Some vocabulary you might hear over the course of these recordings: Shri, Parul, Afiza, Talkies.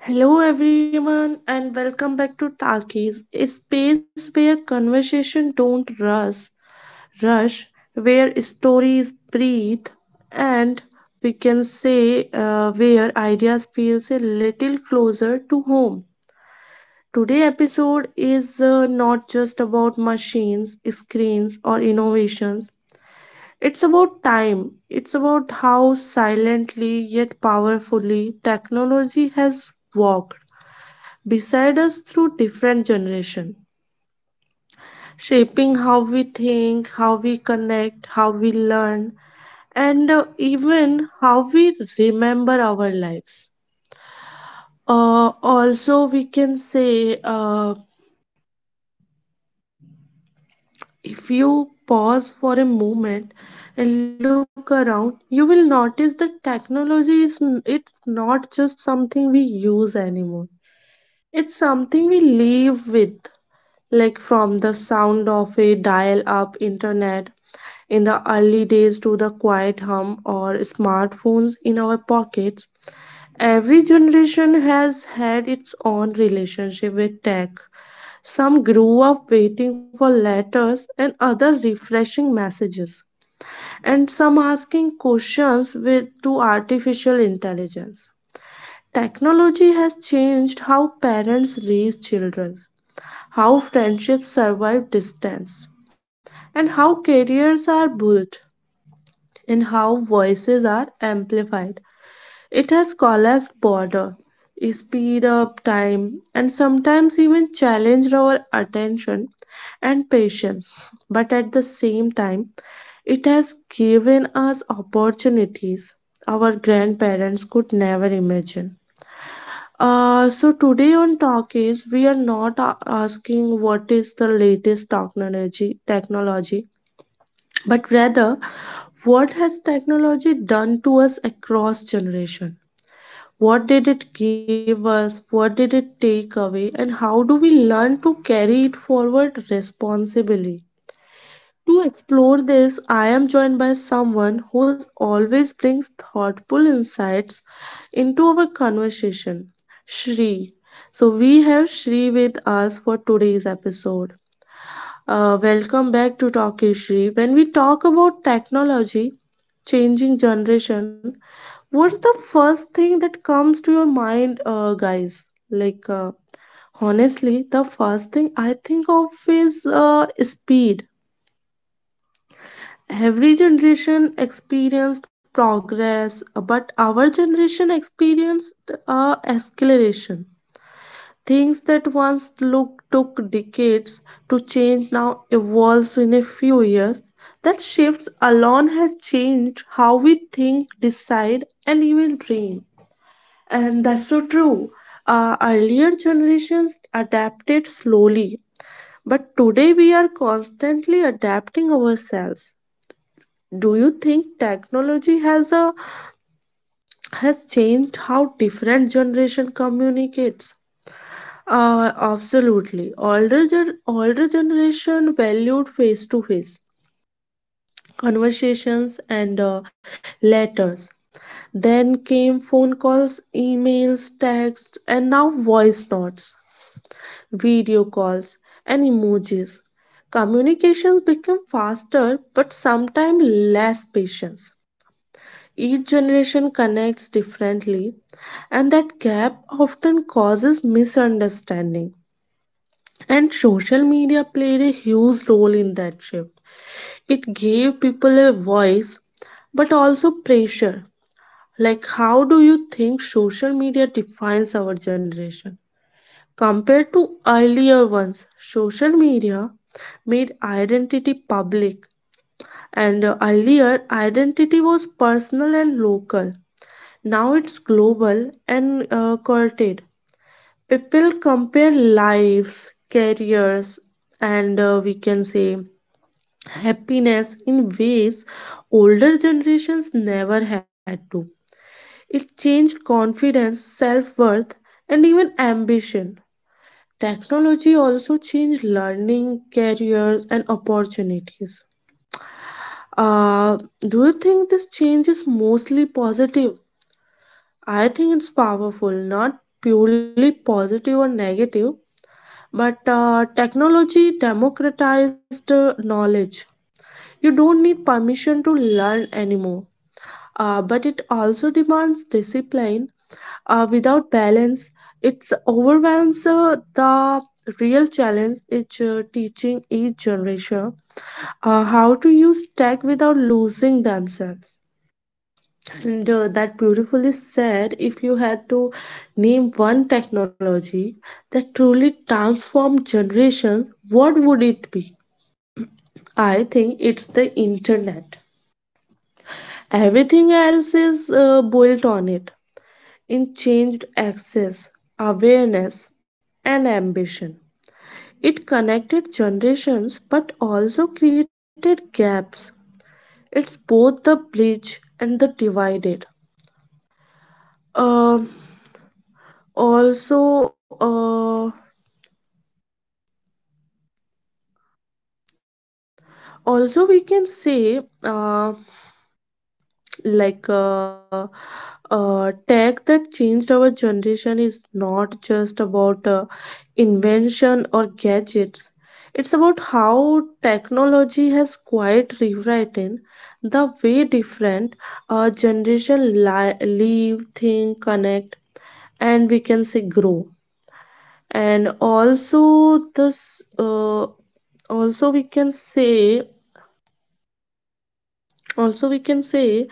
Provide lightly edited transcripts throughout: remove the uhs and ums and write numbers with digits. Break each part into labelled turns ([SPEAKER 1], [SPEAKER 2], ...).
[SPEAKER 1] Hello, everyone, and welcome back to Talkies, a space where conversation don't rush, where stories breathe, and we can say where ideas feels a little closer to home. Today episode is not just about machines, screens, or innovations. It's about time. It's about how silently yet powerfully technology has walked beside us through different generation, shaping how we think, how we connect, how we learn, and even how we remember our lives. Also we can say, if you pause for a moment and look around, you will notice that technology it's not just something we use anymore. It's something we live with, like from the sound of a dial up internet in the early days to the quiet hum or smartphones in our pockets. Every generation has had its own relationship with tech. Some grew up waiting for letters and other refreshing messages, and some asking questions with, to artificial intelligence. Technology has changed how parents raise children, how friendships survive distance, and how careers are built, and how voices are amplified. It has collapsed border, speed up time, and sometimes even challenged our attention and patience. But at the same time, it has given us opportunities our grandparents could never imagine. So today on Talkies, we are not a- asking what is the latest technology, but rather what has technology done to us across generation? What did it give us? What did it take away? And how do we learn to carry it forward responsibly? To explore this, I am joined by someone who always brings thoughtful insights into our conversation, Shri. So, we have Shri with us for today's episode. Welcome back to Talkish Shri. When we talk about technology, changing generation, what's the first thing that comes to your mind, guys? Like, honestly, the first thing I think of is speed. Every generation experienced progress, but our generation experienced acceleration. Things that once took decades to change now evolves in a few years. That shifts alone has changed how we think, decide, and even dream. And that's so true. Earlier generations adapted slowly, but today we are constantly adapting ourselves. Do you think technology has changed how different generation communicates? Absolutely, older older generation valued face to face conversations and letters. Then came phone calls, emails, texts, and now voice notes, video calls, and emojis. Communications become faster but sometimes less patience. Each generation connects differently, and that gap often causes misunderstanding. And social media played a huge role in that shift. It gave people a voice, but also pressure. Like, how do you think social media defines our generation? Compared to earlier ones, social media made identity public, and earlier, identity was personal and local. Now it's global and courted. People compare lives, careers, and we can say happiness in ways older generations never had to. It changed confidence, self worth, and even ambition. Technology also changed learning, careers, and opportunities. Do you think this change is mostly positive? I think it's powerful, not purely positive or negative, but technology democratized knowledge. You don't need permission to learn anymore. But it also demands discipline. Without balance, it overwhelms. The real challenge, it's teaching each generation how to use tech without losing themselves. And that beautifully said, if you had to name one technology that truly transformed generations, what would it be? I think it's the internet. Everything else is built on it. In changed access, awareness, and ambition. It connected generations but also created gaps. It's both the bridge and the divided. Um also, uh, also we can say, like tech that changed our generation is not just about invention or gadgets. It's about how technology has quite rewritten the way different generation live, think, connect, and we can say grow. And also this, also we can say Also, we can say,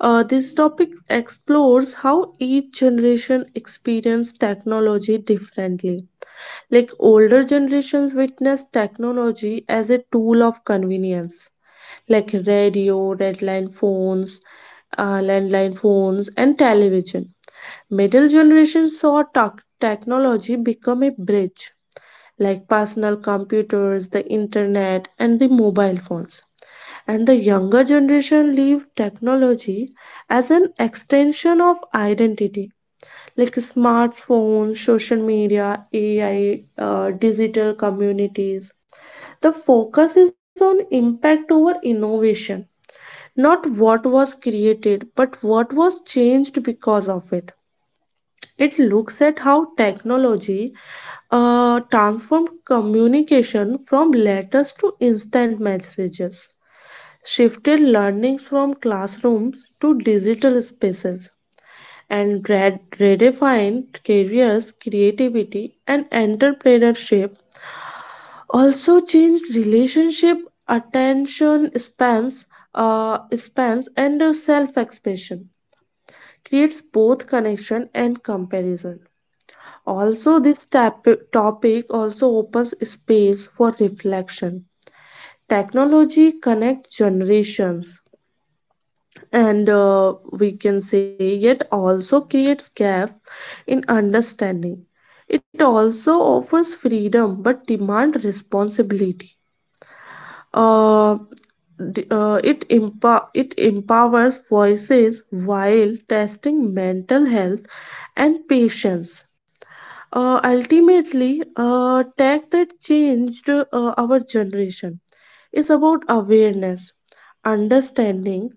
[SPEAKER 1] this topic explores how each generation experience technology differently. Like older generations witness technology as a tool of convenience, like radio, landline phones, and television. Middle generation saw technology become a bridge, like personal computers, the internet, and the mobile phones. And the younger generation leave technology as an extension of identity, like smartphones, social media, AI, digital communities. The focus is on impact over innovation, not what was created but what was changed because of It looks at how technology transformed communication from letters to instant messages, shifted learnings from classrooms to digital spaces, and redefined careers, creativity, and entrepreneurship. Also changed relationship, attention spans, and self-expression. Creates both connection and comparison. Also, this topic also opens space for reflection. Technology connects generations, and we can say, yet also creates gap in understanding. It also offers freedom but demand responsibility. uh, it empowers voices while testing mental health and patience. Ultimately, tech that changed our generation is about awareness, understanding,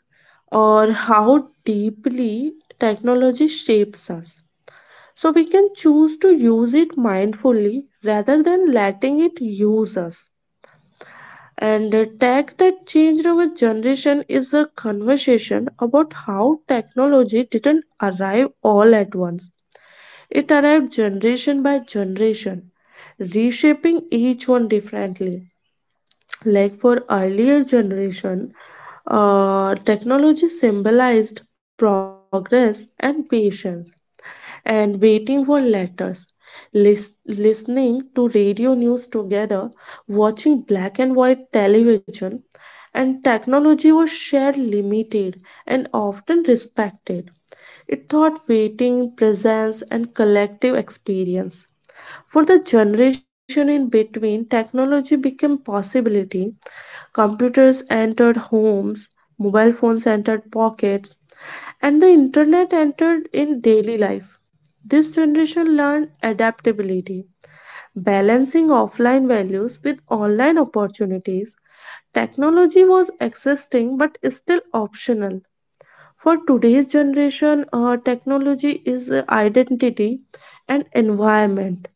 [SPEAKER 1] or how deeply technology shapes us. So we can choose to use it mindfully rather than letting it use us. And the tech that changed our generation is a conversation about how technology didn't arrive all at once. It arrived generation by generation, reshaping each one differently. Like for earlier generation, technology symbolized progress and patience and waiting for letters, listening to radio news together, watching black and white television, and technology was shared, limited, and often respected. It taught waiting, presence, and collective experience. For the generation in between, technology became possibility. Computers entered homes, mobile phones entered pockets, and the internet entered in daily life. This generation learned adaptability, balancing offline values with online opportunities. Technology was existing but still optional. For today's generation, technology is identity and environment.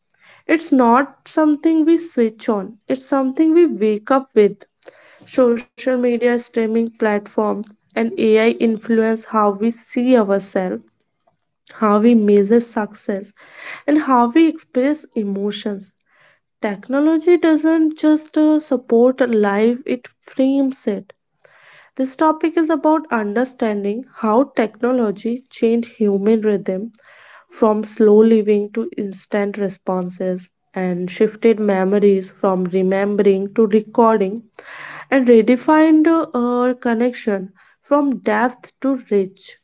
[SPEAKER 1] It's not something we switch on, it's something we wake up with. Social media, streaming platforms, and AI influence how we see ourselves, how we measure success, and how we express emotions. Technology doesn't just support life, it frames it. This topic is about understanding how technology changed human rhythm from slow living to instant responses, and shifted memories from remembering to recording, and redefined our connection from depth to reach,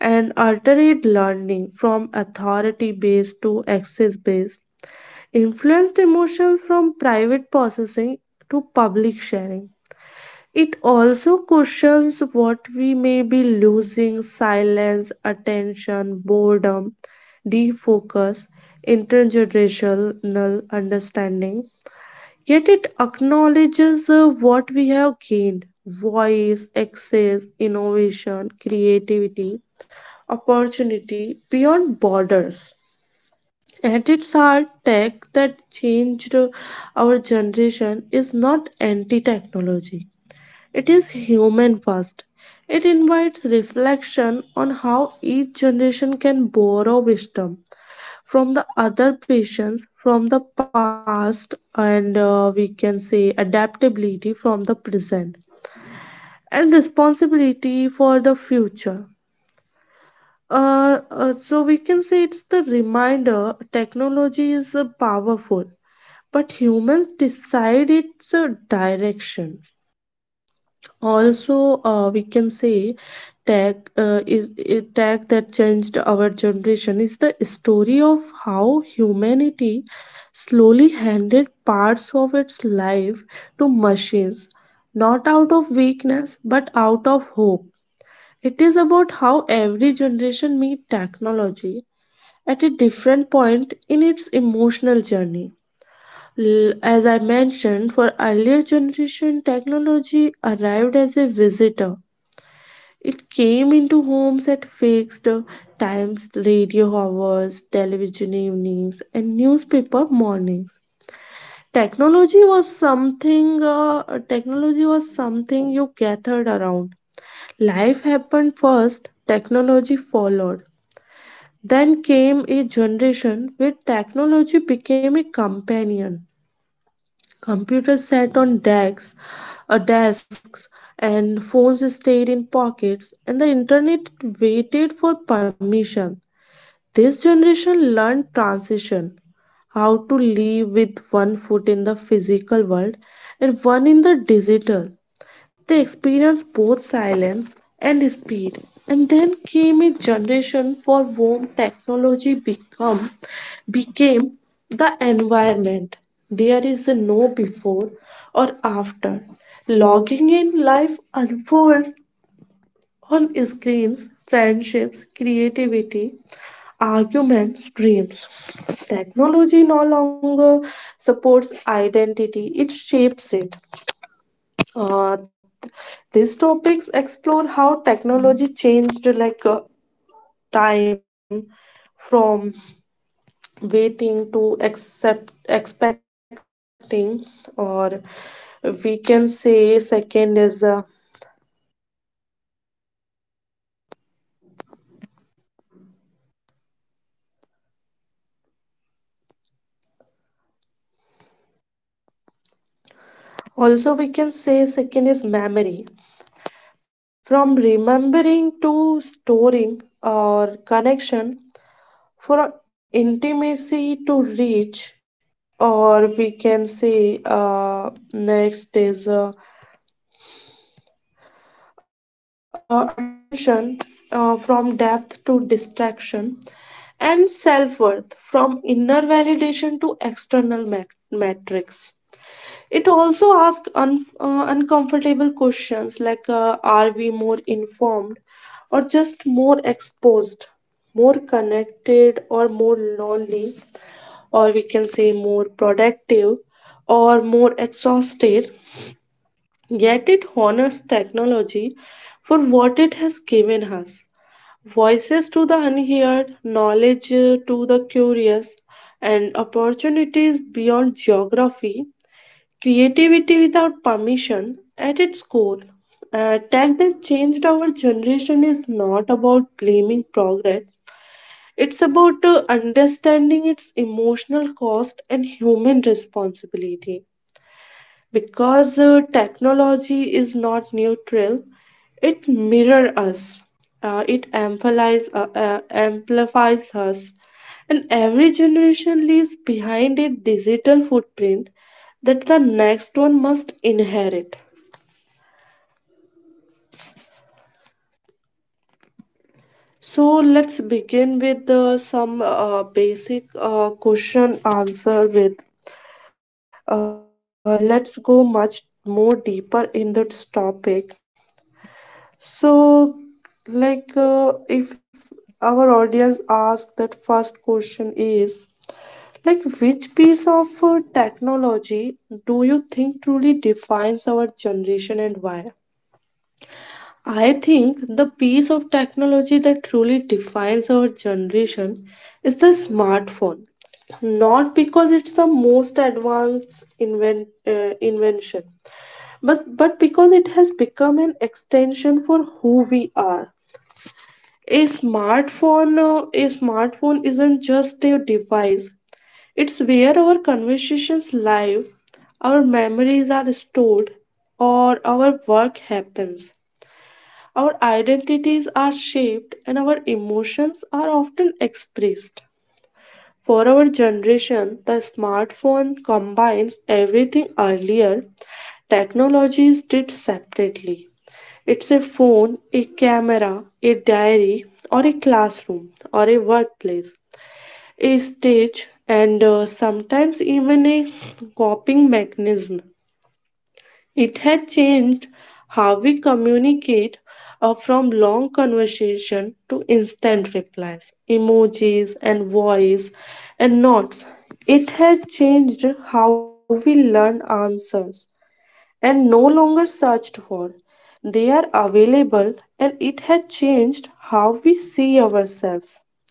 [SPEAKER 1] and alternate learning from authority based to access based, influenced emotions from private processing to public sharing. It also questions what we may be losing: silence, attention, boredom, defocus, intergenerational understanding. Yet it acknowledges what we have gained: voice, access, innovation, creativity, opportunity beyond borders. At its heart, tech that changed our generation is not anti technology, it is human first. It invites reflection on how each generation can borrow wisdom from the other, patients from the past, and we can say adaptability from the present, and responsibility for the future. So we can say, it's the reminder: technology is powerful, but humans decide its direction. Also, we can say tag is a tag that changed our generation is the story of how humanity slowly handed parts of its life to machines, not out of weakness but out of hope. It is about how every generation meet technology at a different point in its emotional journey. As I mentioned, for earlier generation technology arrived as a visitor. It came into homes at fixed times, radio hours, television evenings, and newspaper mornings. Technology was something. Technology was something you gathered around. Life happened first. Technology followed. Then came a generation where technology became a companion. Computers sat on desks, and phones stayed in pockets, and the internet waited for permission. This generation learned transition, how to live with one foot in the physical world and one in the digital. They experienced both silence and speed. And then came a generation for whom technology become became the environment. There is no before or after. Logging in, life unfolds on screens: friendships, creativity, arguments, dreams. Technology no longer supports identity, it shapes it. Uh, th- these topics explore how technology changed, like time from waiting to accept expecting, or we can say second is also we can say second is memory, from remembering to storing, or connection, for intimacy to reach, or we can say next is attention, from depth to distraction, and self worth from inner validation to external metrics. It also asks uncomfortable questions like, are we more informed or just more exposed, more connected or more lonely, or we can say more productive or more exhausted? Yet it honors technology for what it has given us: voices to the unheard, knowledge to the curious, and opportunities beyond geography. Creativity without permission at its core. A tech that changed our generation is not about blaming progress. It's about understanding its emotional cost and human responsibility because technology is not neutral, it mirrors us, it amplifies amplifies us, and every generation leaves behind a digital footprint that the next one must inherit. So let's begin with some basic question answer with let's go much more deeper in this topic. So, like, if our audience asks that first question is, like, which piece of technology do you think truly defines our generation and why? I think the piece of technology truly defines our generation is the smartphone. Not because it's the most advanced invention, but, because it has become an extension for who we are. A smartphone, a smartphone, isn't just a device, it's where our conversations live, our memories are stored, or our work happens, our identities are shaped, and our emotions are often expressed. For our generation, the smartphone combines everything earlier technologies did separately. It's a phone, a camera, a diary, or a classroom, or a workplace, a stage, and sometimes even a coping mechanism. It had changed how we communicate, from long conversation to instant replies, emojis, and voice and notes. It has changed how we learn. Answers and no longer searched for. They are available. And it has changed how we see ourselves.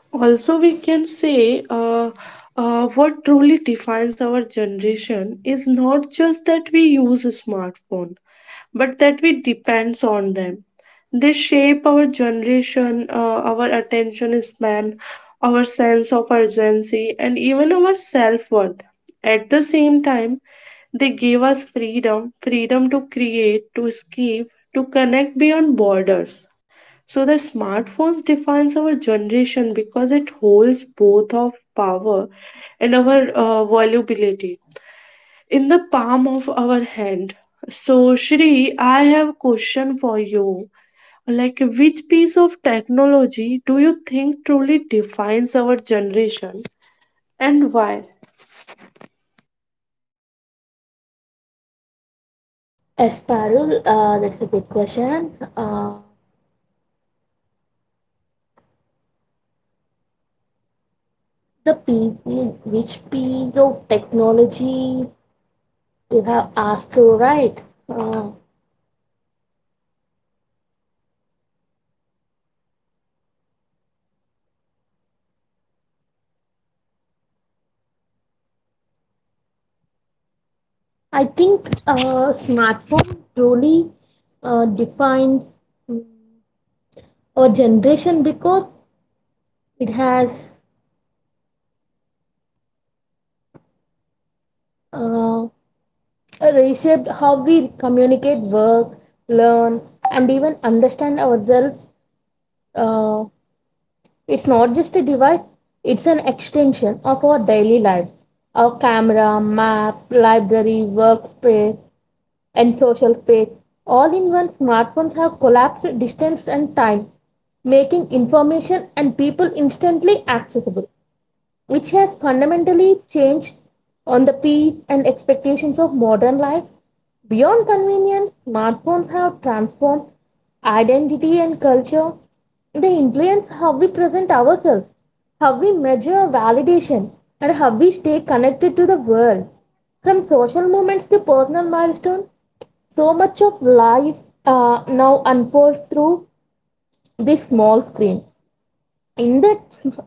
[SPEAKER 1] Also, we can say what truly defines our generation is not just that we use a smartphone, but that we depends on them. They shape our generation, our attention span, our sense of urgency, and even our self worth. At the same time, they gave us freedom freedom to create, to escape, to connect beyond borders. So the smartphones defines our generation because it holds both of power and our volubility in the palm of our hand. So Shri, I have a question for you. Like, which piece of technology do you think truly defines our generation and why?
[SPEAKER 2] Asparul, that's a good question. The piece, which piece of technology you have asked, right? Uh, I think smartphone truly defines mm, our generation because it has uh, reshaped how we communicate, work, learn, and even understand ourselves. Uh, It's not just a device, it's an extension of our daily lives. Our camera, map, library, workspace, and social space, all in one, smartphones have collapsed distance and time, making information and people instantly accessible, which has fundamentally changed on the pace and expectations of modern life. Beyond convenience, smartphones have transformed identity and culture. They influence how we present ourselves, how we measure validation, and how we stay connected to the world. From social moments to personal milestones, so much of life now unfolds through this small screen, in that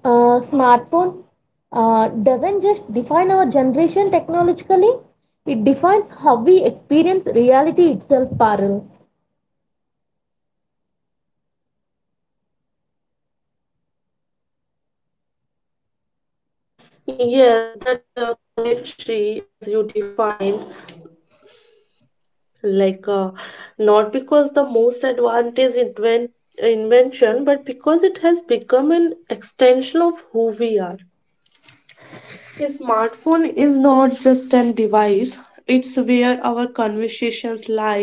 [SPEAKER 2] smartphone doesn't just define our generation technologically, it defines how we experience reality itself, parul.
[SPEAKER 1] Yes, that's correct, Shri, as you defined. Like not because the most advantage invention, but because it has become an extension of who we are. A smartphone is not just an device, it's where our live,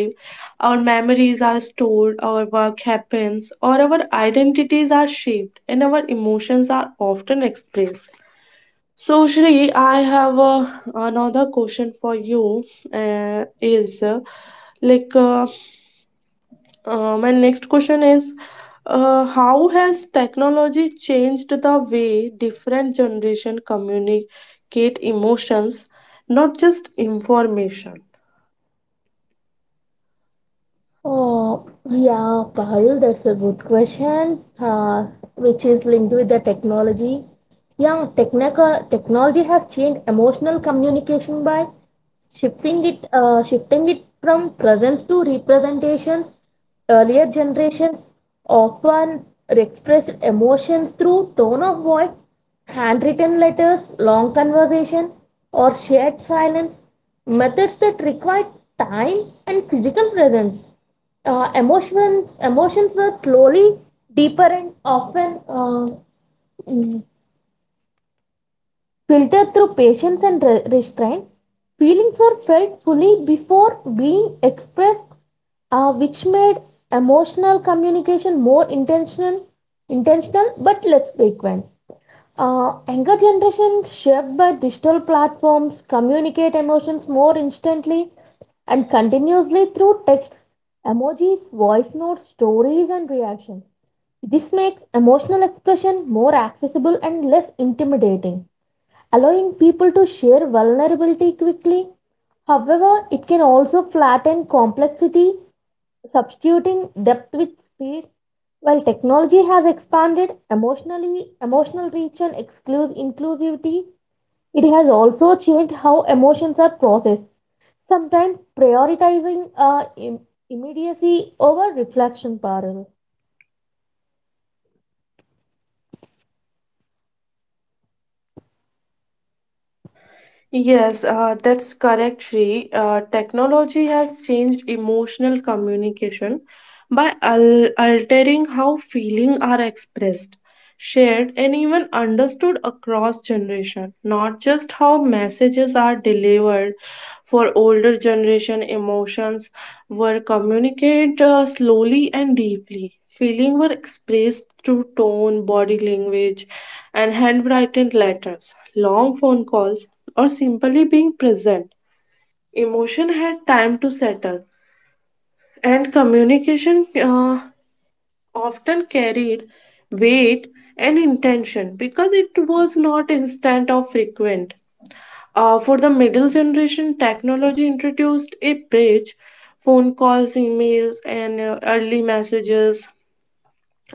[SPEAKER 1] our memories are stored, our work happens, or our identities are shaped, and our emotions are often expressed. So, Shri, I have another question for you. Is like my next question is, how has technology changed the way different generation communicate emotions, not just information?
[SPEAKER 2] Oh yeah, parul, that's a good question. Which is linked with the technology. Yeah, technical technology has changed emotional communication by shifting it from presence to representations. Earlier generations often expressed emotions through tone of voice, handwritten letters, long conversation, or shared silence, methods that required time and physical presence. Emotions were slowly deeper and often mm, filtered through patience and restraint, feelings were felt fully before being expressed, which made emotional communication more intentional, intentional but less frequent. Younger generation shaped by digital platforms communicate emotions more instantly and continuously through texts, emojis, voice notes, stories, and reactions. This makes emotional expression more accessible and less intimidating, allowing people to share vulnerability quickly. However, it can also flatten complexity, substituting depth with speed. While technology has expanded emotionally, emotional reach and exclusive inclusivity, it has also changed how emotions are processed, sometimes prioritizing immediacy over reflection, Parul.
[SPEAKER 1] Yes, that's correct, Shri. Technology has changed emotional communication by altering how feelings are expressed, shared, and even understood across generation. Not just how messages are delivered. For older generation, emotions were communicated slowly and deeply. Feelings were expressed through tone, body language, and handwritten letters, long phone calls, or simply being present. Emotion had time to settle, and communication often carried weight and intention because it was not instant or frequent. For the middle generation, technology introduced a bridge. Phone calls, emails, and early messages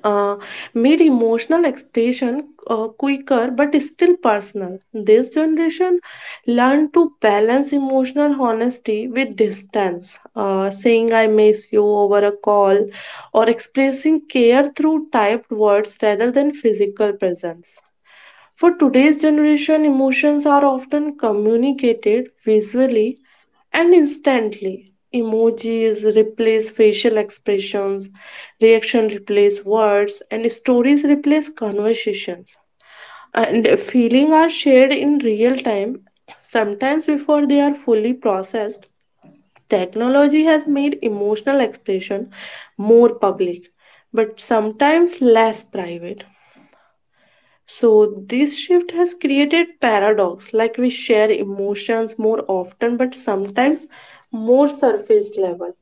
[SPEAKER 1] uh, made emotional expression quicker but still personal. This generation learned to balance emotional honesty with distance, saying I miss you over a call, or expressing care through typed words rather than physical presence. For today's generation, emotions are often communicated visually and instantly. Emojis replace facial expressions, reaction replace words, and stories replace conversations. And feelings are shared in real time, sometimes before they are fully processed. Technology has made emotional expression more public, but sometimes less private. So this shift has created paradox. Like, we share emotions more often but sometimes more surface level.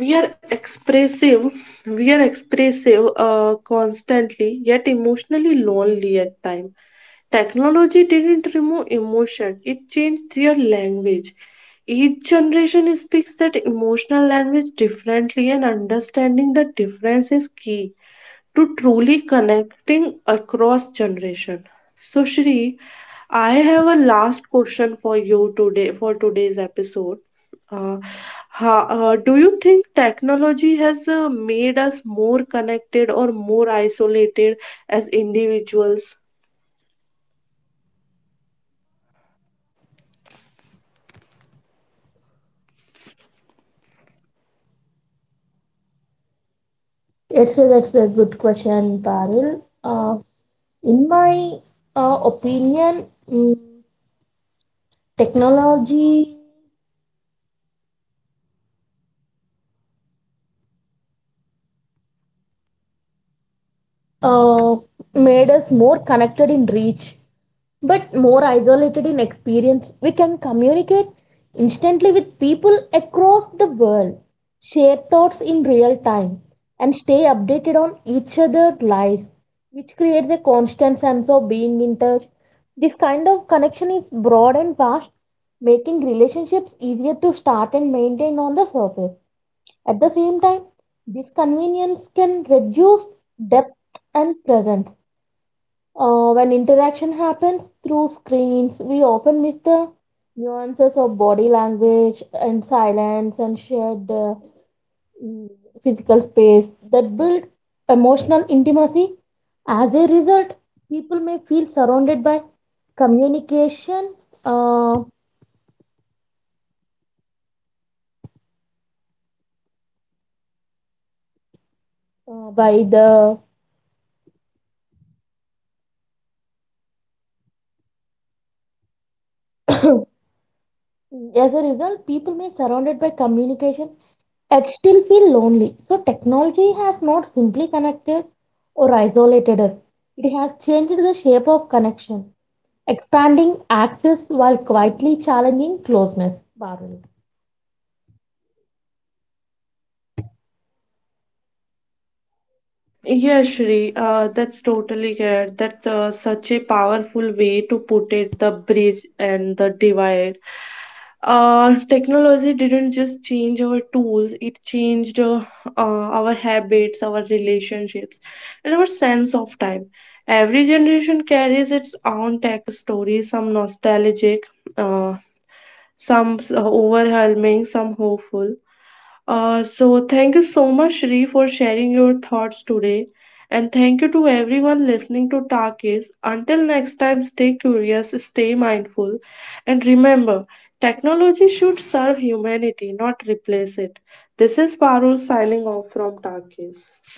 [SPEAKER 1] We are expressive, constantly, yet emotionally lonely at time. Technology didn't remove emotion, it changed their language. Each generation speaks that emotional language differently, and understanding the difference is key to truly connecting across generation. So Shri, I have a last question for you today, for today's episode. Uh, do you think technology has made us more connected or more isolated as individuals?
[SPEAKER 2] That's a good question, Parul. In my opinion, mm, technology uh, made us more connected in reach but more isolated in experience. We can communicate instantly with people across the world, share thoughts in real time, and stay updated on each other's lives, which creates a constant sense of being in touch. This kind of connection is broad and vast, making relationships easier to start and maintain on the surface. At the same time, this convenience can reduce depth and presence. When interaction happens through screens, we often miss the nuances of body language and silence and shared mm, physical space that build emotional intimacy. As a result, people may feel surrounded by communication uh, uh, by the as a result, people may surrounded by communication, I'd still feel lonely. So, technology has not simply connected or isolated us, it has changed the shape of connection, expanding access while quietly challenging closeness. Barul.
[SPEAKER 1] Yeah, Shri, that's totally correct. That's such a powerful way to put it, the bridge and the divide. Technology didn't just change our tools, it changed our habits, our relationships, and our sense of time. Every generation carries its own tech story, some nostalgic, uh, some overwhelming, some hopeful. So, thank you so much, Shri, for sharing your thoughts today. And thank you to everyone listening to Takis. Until next time, stay curious, stay mindful. And remember, technology should serve humanity, not replace it. This is Parul signing off from Takis.